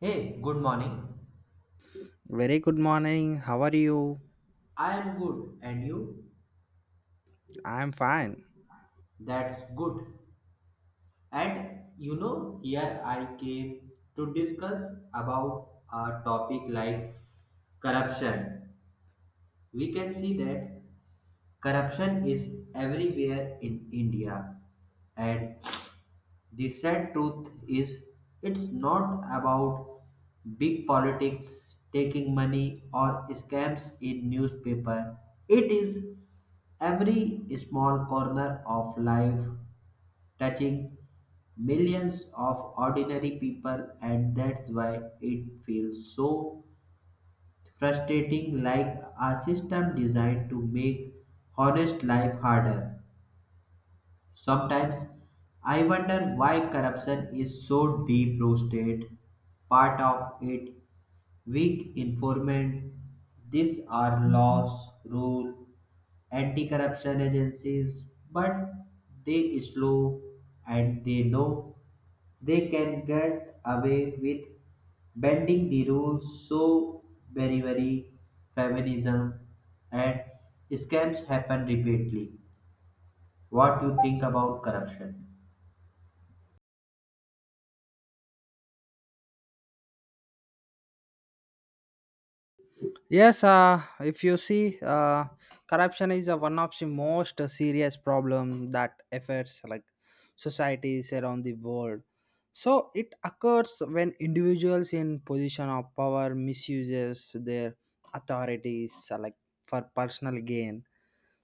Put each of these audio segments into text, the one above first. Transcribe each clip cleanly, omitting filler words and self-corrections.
Hey, good morning. Very good morning. How are you? I am good, and you? I'm fine. That's good. And you know, here I came to discuss about a topic like corruption. We can see that corruption is everywhere in India, and the sad truth is, it's not about big politics, taking money, or scams in newspaper. It is every small corner of life touching millions of ordinary people, and that's why it feels so frustrating like a system designed to make honest life harder. Sometimes I wonder why corruption is so deep roasted. Part of it, weak informant. These are laws, rule, anti-corruption agencies, but they slow and they know they can get away with bending the rules so very very feminism and scams happen repeatedly. What do you think about corruption? Yes, if you see, corruption is one of the most serious problem that affects like societies around the world. So it occurs when individuals in position of power misuses their authorities like for personal gain.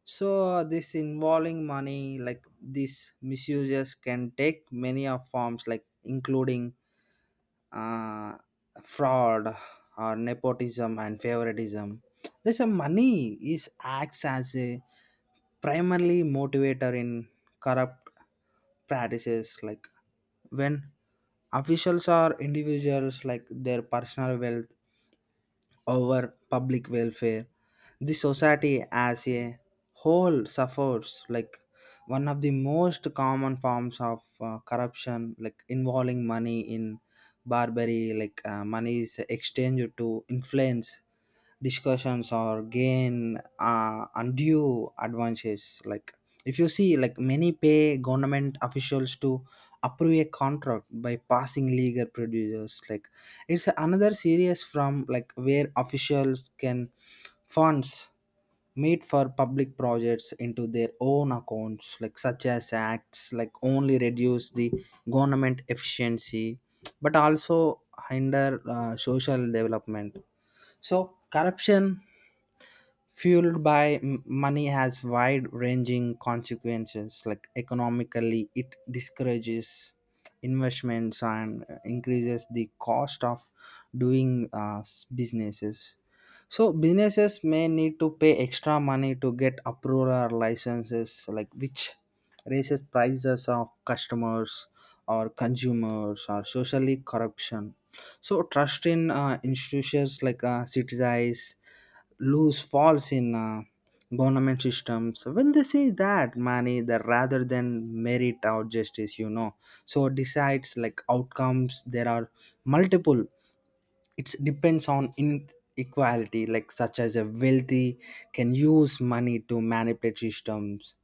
So this involving money, like these misuses, can take many of forms, like including uh, fraud or nepotism and favoritism. This a money is acts as a primarily motivator in corrupt practices like when officials or individuals like their personal wealth over public welfare. The society as a whole suffers like one of the most common forms of corruption, like involving money in bribery, like money is exchanged to influence discussions or gain undue advantages like if you see like many pay government officials to approve a contract by passing legal producers like it's another series from like where officials can funds made for public projects into their own accounts like such as acts like only reduce the government efficiency but also hinder social development. So, corruption fueled by money has wide ranging consequences. Like, economically, it discourages investments and increases the cost of doing businesses. So businesses may need to pay extra money to get approval or licenses, like which raises prices of customers or consumers or socially corruption. So trust in institutions like citizens lose falls in government systems when they see that money that rather than merit or justice, you know, so decides like outcomes. There are multiple. It depends on inequality like such as a wealthy can use money to manipulate systems.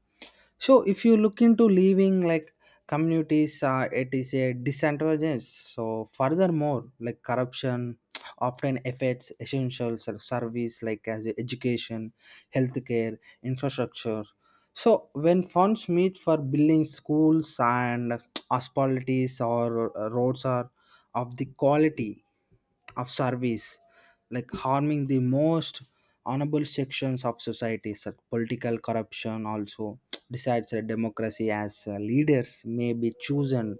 So if you look into leaving like communities, it is a disadvantage. So furthermore like corruption often affects essential service like as education, healthcare, infrastructure. So when funds meet for building schools and hospitalities or roads are of the quality of service, like harming the most honorable sections of society. So political corruption also decides that democracy as leaders may be chosen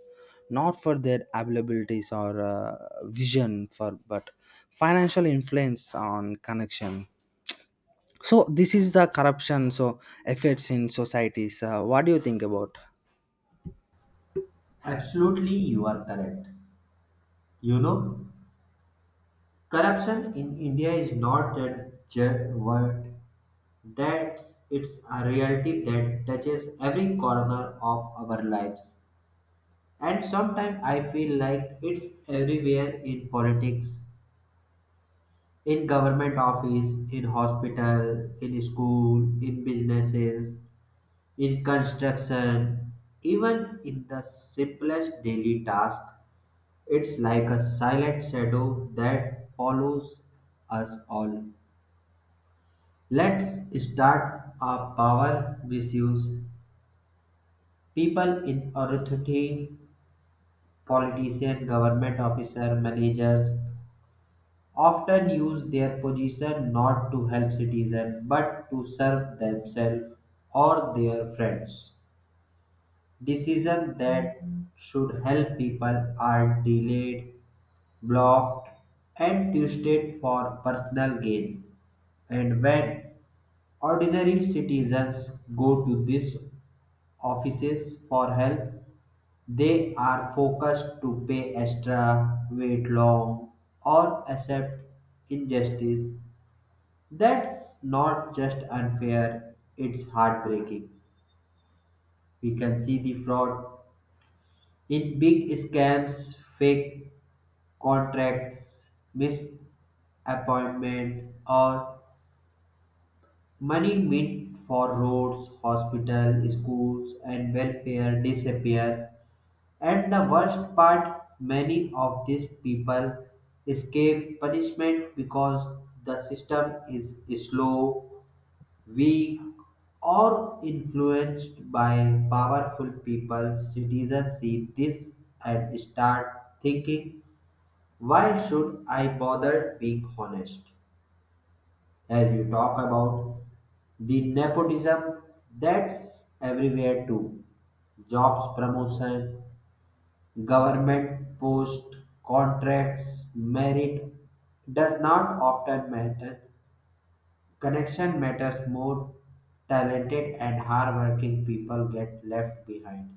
not for their abilities or vision for but financial influence on connection. So this is the corruption, so effects in societies. What do you think about? Absolutely, you are correct. You know, corruption in India is not a word. That's it's a reality that touches every corner of our lives. And sometimes I feel like it's everywhere in politics, in government office, in hospital, in school, in businesses, in construction, even in the simplest daily task. It's like a silent shadow that follows us all. Let's start our power misuse. People in authority, politician, government officer, managers often use their position not to help citizens but to serve themselves or their friends. Decisions that should help people are delayed, blocked, and twisted for personal gain. And when ordinary citizens go to these offices for help, they are focused to pay extra, wait long, or accept injustice. That's not just unfair, it's heartbreaking. We can see the fraud in big scams, fake contracts, misappointment, or money meant for roads, hospitals, schools, and welfare disappears. And the worst part, many of these people escape punishment because the system is slow, weak, or influenced by powerful people. Citizens see this and start thinking, why should I bother being honest? As you talk about, the nepotism that's everywhere too. Jobs promotion, government post, contracts, merit does not often matter. Connection matters more. Talented and hardworking people get left behind.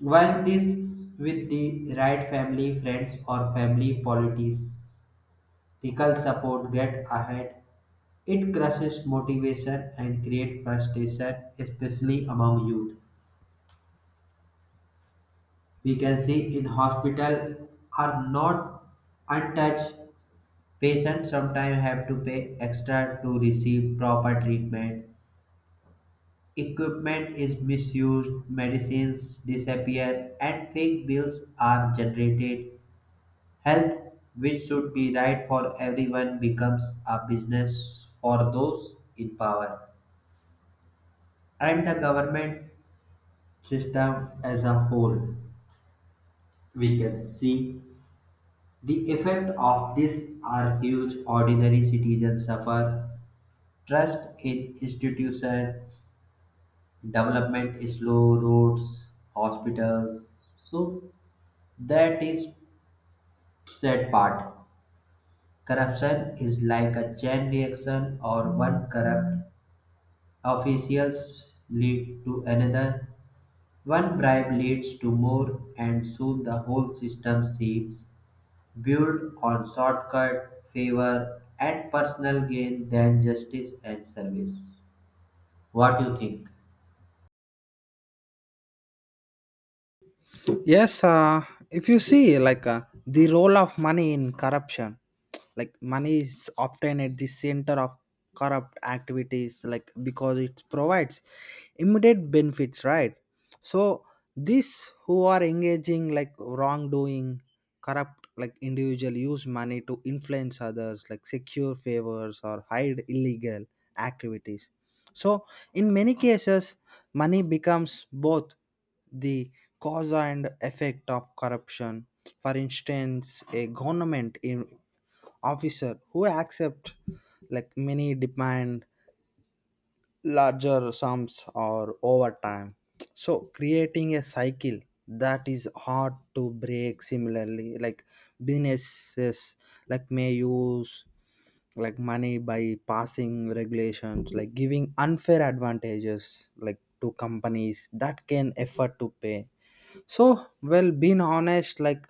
While this with the right family, friends or family politics, political support get ahead. It crushes motivation and creates frustration, especially among youth. We can see in hospital are not untouched. Patients sometimes have to pay extra to receive proper treatment. Equipment is misused, medicines disappear, and fake bills are generated. Health, which should be right for everyone, becomes a business for those in power and the government system as a whole. We can see the effect of this are huge. Ordinary citizens suffer. Trust in institution, development is slow, roads, hospitals. So that is sad part. Corruption is like a chain reaction, or one corrupt officials lead to another. One bribe leads to more, and soon the whole system seeps. Built on shortcut, favor, and personal gain than justice and service. What do you think? Yes, if you see like the role of money in corruption, like money is often at the center of corrupt activities, like because it provides immediate benefits, right? So these who are engaging like wrongdoing, corrupt like individual use money to influence others, like secure favors or hide illegal activities. So, in many cases, money becomes both the cause and effect of corruption. For instance, a government officer who accept like many demand larger sums or over time, so creating a cycle that is hard to break. Similarly like businesses like may use like money by passing regulations, like giving unfair advantages like to companies that can afford to pay. So well being honest like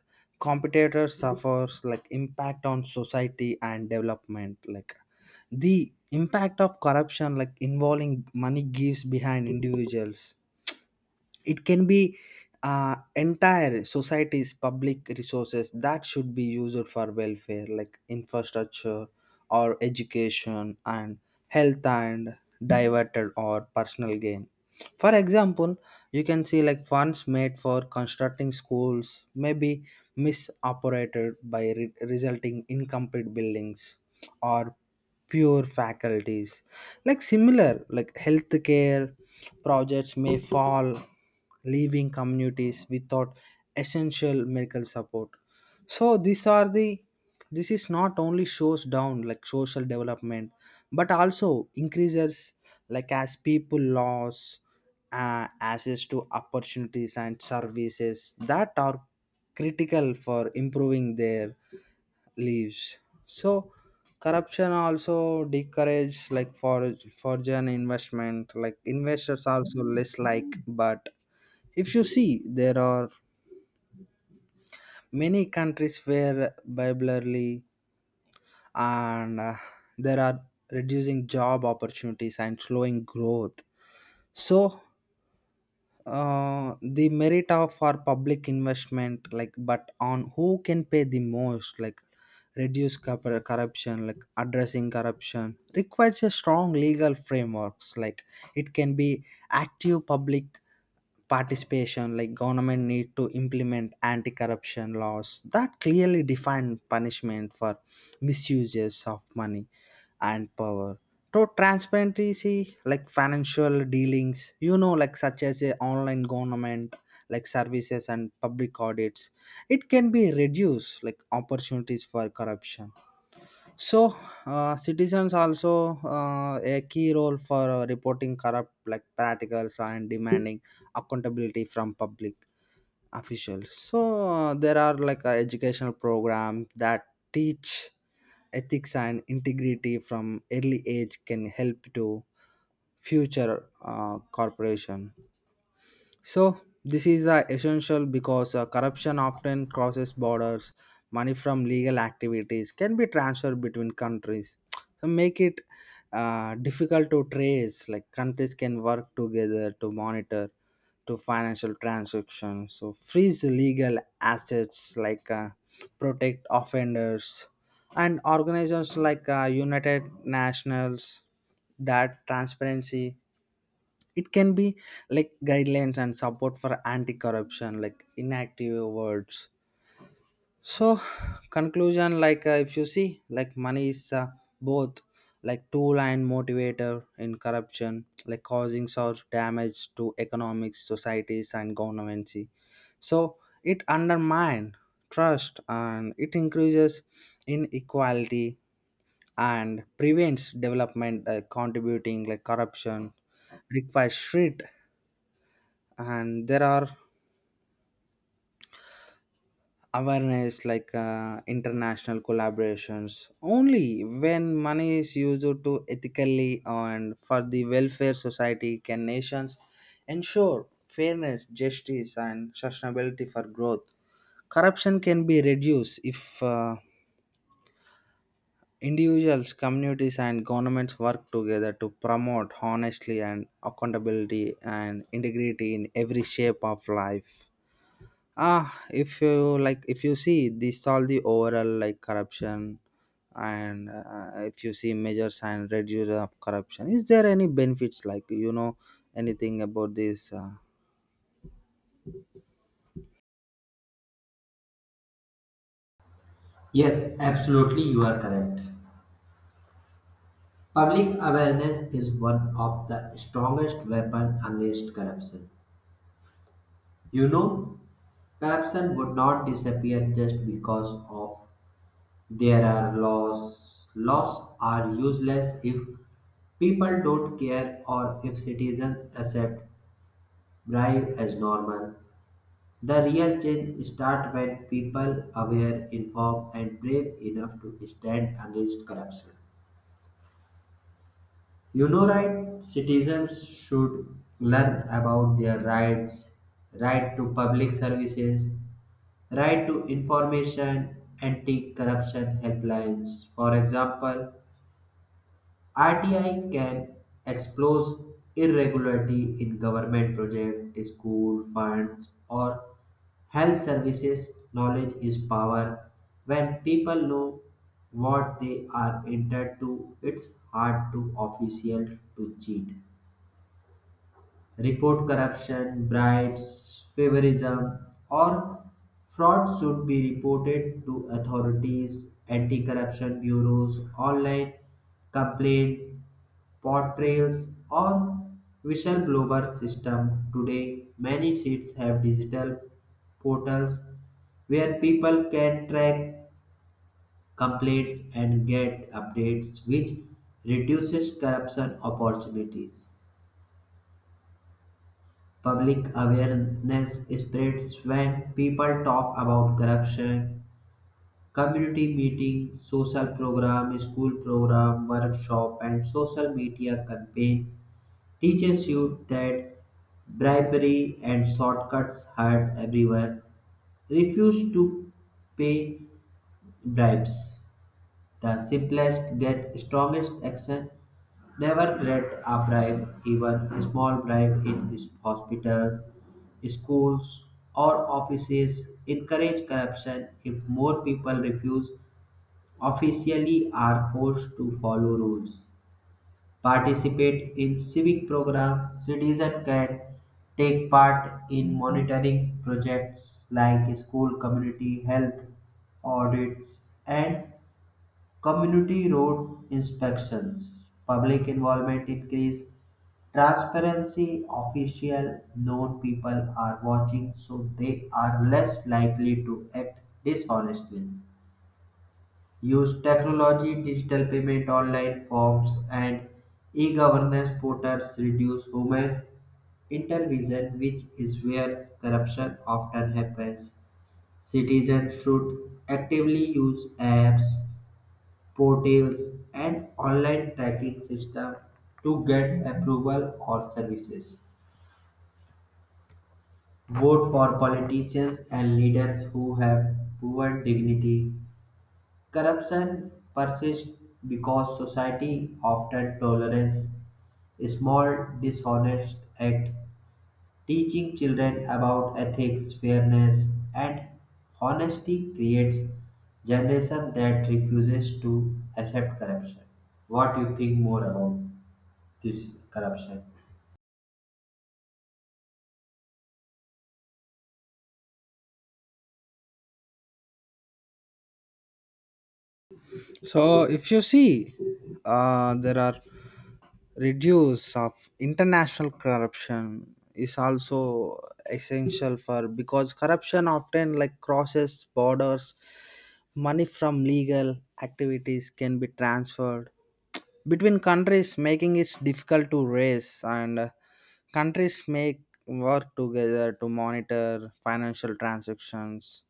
competitors suffers like impact on society and development. Like the impact of corruption like involving money gives behind individuals, it can be entire society's public resources that should be used for welfare like infrastructure or education and health and diverted or personal gain. For example, you can see like funds made for constructing schools may be misoperated by resulting incomplete buildings or pure faculties like similar like healthcare projects may fall, leaving communities without essential medical support. So these are the, this is not only shows down like social development, but also increases like as people lose access to opportunities and services that are critical for improving their lives. So corruption also discourages like for foreign investment like investors also less like. But if you see there are many countries where bilaterally and there are reducing job opportunities and slowing growth. So the merit of our public investment like but on who can pay the most like reduce corruption. Like addressing corruption requires a strong legal frameworks, like it can be active public participation, like government need to implement anti-corruption laws that clearly define punishment for misuses of money and power to transparency like financial dealings, you know, like such as a online government like services and public audits, it can be reduced like opportunities for corruption. So, citizens also a key role for reporting corrupt like practicals and demanding accountability from public officials. So there are like educational programs that teach ethics and integrity from early age can help to future corporation. So this is essential because corruption often crosses borders. Money from legal activities can be transferred between countries, so make it difficult to trace. Like countries can work together to monitor to financial transactions, so freeze legal assets, like protect offenders, and organizations like United Nations that transparency it can be like guidelines and support for anti-corruption like inactive words. So conclusion like if you see like money is both like tool and motivator in corruption, like causing such damage to economics societies and governments. So it undermines trust and it increases inequality and prevents development. Contributing like corruption requires strict and there are awareness like international collaborations. Only when money is used to ethically and for the welfare society can nations ensure fairness justice and sustainability for growth. Corruption can be reduced if individuals communities and governments work together to promote honestly and accountability and integrity in every shape of life. Ah, if you like if you see this all the overall like corruption and if you see measures and reduction of corruption, is there any benefits, like, you know, anything about this? Yes, absolutely, you are correct. Public awareness is one of the strongest weapon against corruption. You know, corruption would not disappear just because of there are laws. Laws are useless if people don't care or if citizens accept bribe as normal. The real change starts when people aware, informed, and brave enough to stand against corruption. You know, right? Citizens should learn about their rights, right to public services, right to information, anti-corruption helplines. For example, RTI can expose irregularity in government project, school funds, or health services. Knowledge is power. When people know what they are entered to, it's hard to official to cheat. Report corruption, bribes, favoritism, or fraud should be reported to authorities, anti-corruption bureaus, online complaint portrayals or whistleblower system. Today, many cities have digital portals where people can track complaints and get updates, which reduces corruption opportunities. Public awareness spreads when people talk about corruption. Community meeting, social program, school program, workshop, and social media campaign teaches you that bribery and shortcuts hurt everyone. Refuse to pay bribes. The simplest get strongest action. Never grant a bribe, even a small bribe in his hospitals, schools, or offices. Encourage corruption if more people refuse officially are forced to follow rules, participate in civic programs. Citizens can take part in monitoring projects like school community health audits and community road inspections. Public involvement increase transparency. Official known people are watching, so they are less likely to act dishonestly. Use technology, digital payment, online forms, and e-governance portals reduce human intervention, which is where corruption often happens. Citizens should actively use apps, portals, and online tracking system to get approval or services. Vote for politicians and leaders who have proven dignity. Corruption persists because society often tolerates small dishonest acts. Teaching children about ethics, fairness, and honesty creates generation that refuses to accept corruption. What do you think more about this corruption? So if you see there are reduce of international corruption is also essential for because corruption often like crosses borders. Money from legal activities can be transferred between countries making it difficult to raise. And countries make work together to monitor financial transactions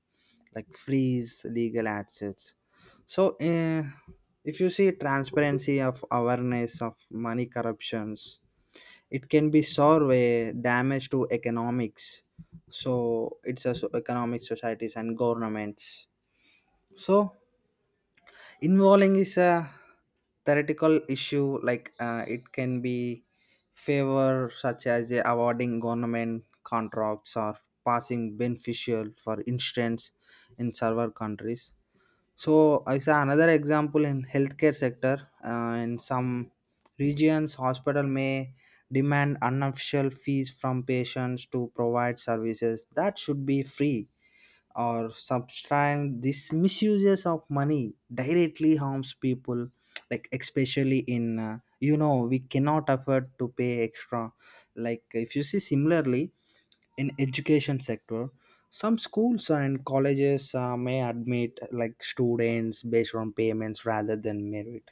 like freeze legal assets. So if you see transparency of awareness of money corruptions it can be solved a damage to economics, so it's also economic societies and governments. So involving is a theoretical issue like, it can be favor such as awarding government contracts or passing beneficial. For instance, in several countries, so I saw another example in healthcare sector. In some regions hospital may demand unofficial fees from patients to provide services that should be free or subscribe. This misuses of money directly harms people, like especially in, you know, we cannot afford to pay extra. Like if you see similarly in education sector, some schools and colleges may admit like students based on payments rather than merit,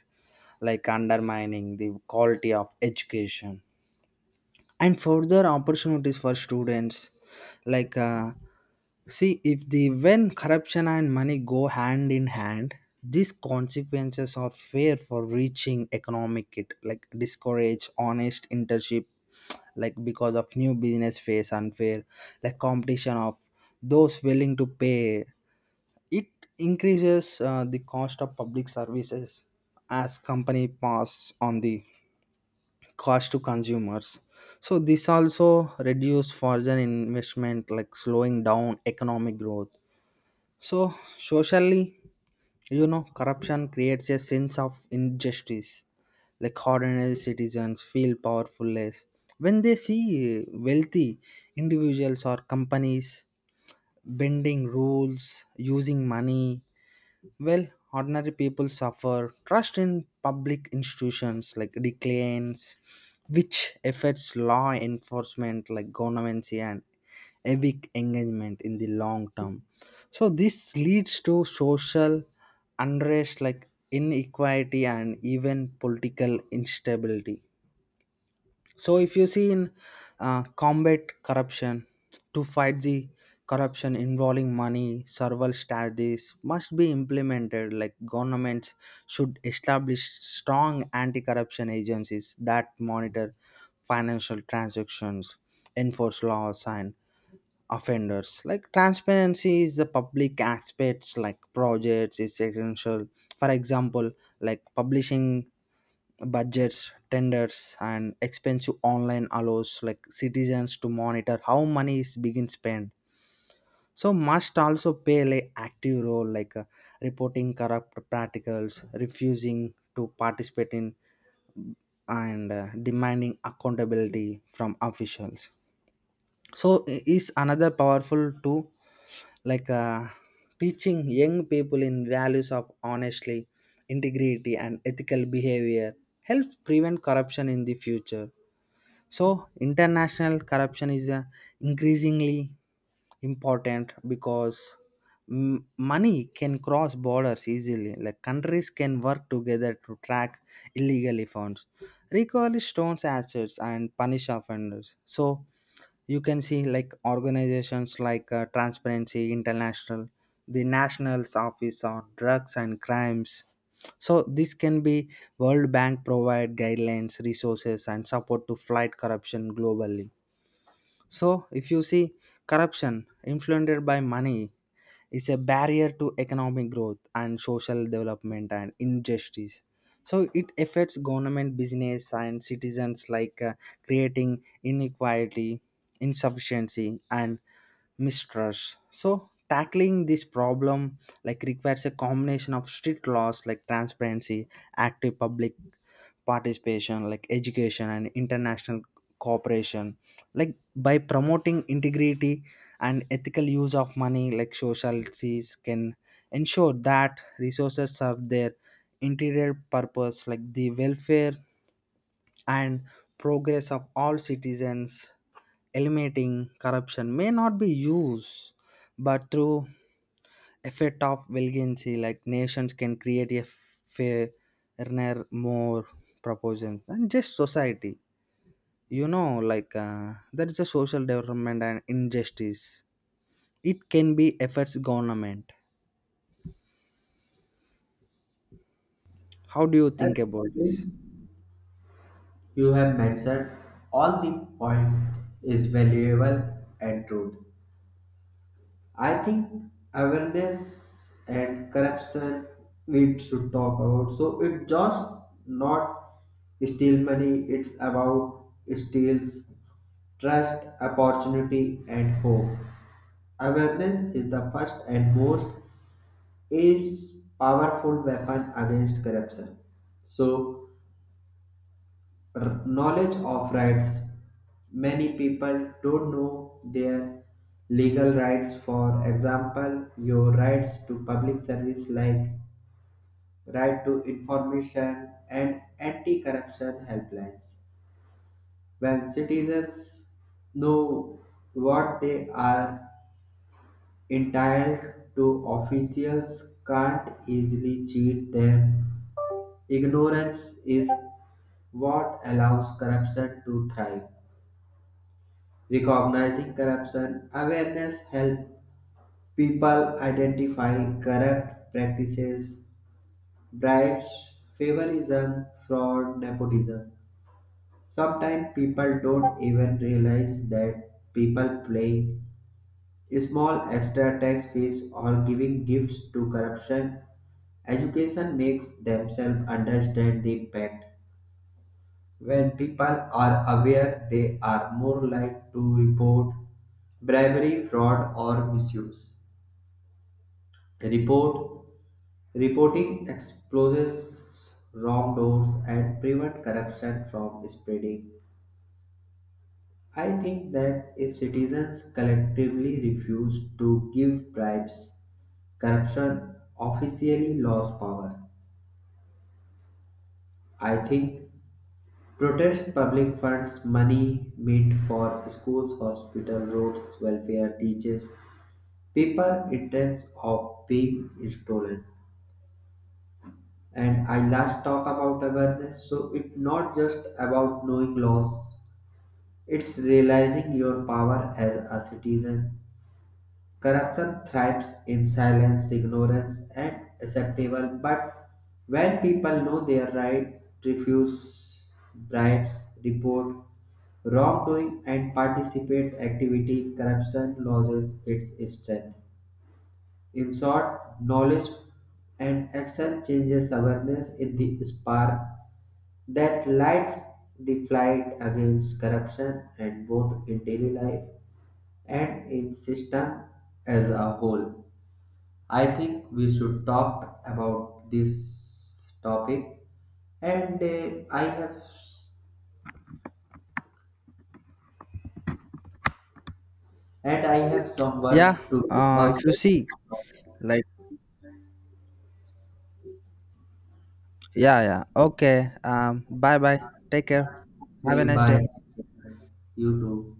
like undermining the quality of education and further opportunities for students. Like see if the, when corruption and money go hand in hand, these consequences are fair for reaching economic. It like discourage honest internship like because of new business face unfair like competition of those willing to pay. It increases the cost of public services as company pass on the cost to consumers. So this also reduce foreign investment like slowing down economic growth. So socially, you know, corruption creates a sense of injustice, like ordinary citizens feel powerfulless when they see wealthy individuals or companies bending rules using money. Well, ordinary people suffer. Trust in public institutions like declines, which affects law enforcement like governments and civic engagement in the long term. So this leads to social unrest like inequality and even political instability. So if you see in combat corruption, to fight the corruption involving money, several strategies must be implemented. Like governments should establish strong anti-corruption agencies that monitor financial transactions, enforce laws, and offenders. Like transparency is the public aspects. Like projects is essential. For example, like publishing budgets tenders and expensive online allows like citizens to monitor how money is being spent. So must also play an active role like reporting corrupt practicals refusing to participate in and demanding accountability from officials. So is another powerful tool like teaching young people in values of honestly integrity and ethical behavior helps prevent corruption in the future. So international corruption is increasingly important because money can cross borders easily like countries can work together to track illegally funds, recover stolen assets and punish offenders. So you can see like organizations like transparency international, the national's office on drugs and crimes, so this can be world bank provide guidelines resources and support to fight corruption globally. So if you see corruption influenced by money is a barrier to economic growth and social development and injustice. So it affects government business and citizens, like creating inequality insufficiency and mistrust. So tackling this problem like requires a combination of strict laws like transparency, active public participation like education and international cooperation, like by promoting integrity and ethical use of money like societies can ensure that resources serve their interior purpose like the welfare and progress of all citizens. Eliminating corruption may not be used but through effect of valiancy like nations can create a fairer, more proportion and just society, you know. Like there is a social development and injustice, it can be affects government. How do you I think about think this? you have mentioned all the point is valuable and truth. I think awareness and corruption we should talk about. So it just not steal money, it's about steals trust, opportunity and hope. Awareness is the first and most is powerful weapon against corruption. So knowledge of rights. Many people don't know their legal rights. For example, your rights to public service, like right to information and anti-corruption helplines. When citizens know what they are entitled to, officials can't easily cheat them. Ignorance is what allows corruption to thrive. Recognizing corruption awareness helps people identify corrupt practices, bribes, favoritism, fraud, nepotism. Sometimes people don't even realize that people paying small extra tax fees or giving gifts to corruption. Education makes themselves understand the impact. When people are aware, they are more likely to report bribery, fraud, or misuse. Report Reporting exposes wrongdoers and prevent corruption from spreading. I think that if citizens collectively refuse to give bribes, corruption officially lost power. I think protest public funds money meant for schools, hospitals, roads, welfare, teachers, paper, intense of being stolen. And I last talk about awareness, so it's not just about knowing laws, it's realizing your power as a citizen. Corruption thrives in silence, ignorance and acceptable, but when people know their right, refuse bribes, report wrongdoing and participate activity, corruption loses its strength. In short, knowledge and action changes awareness in the spark that lights the fight against corruption and both in daily life and in system as a whole. I think we should talk about this topic and I have and I have some work Yeah, to do if you also. see like, yeah, yeah, okay. Bye bye. Take care. Have a Okay, nice bye. day. You too.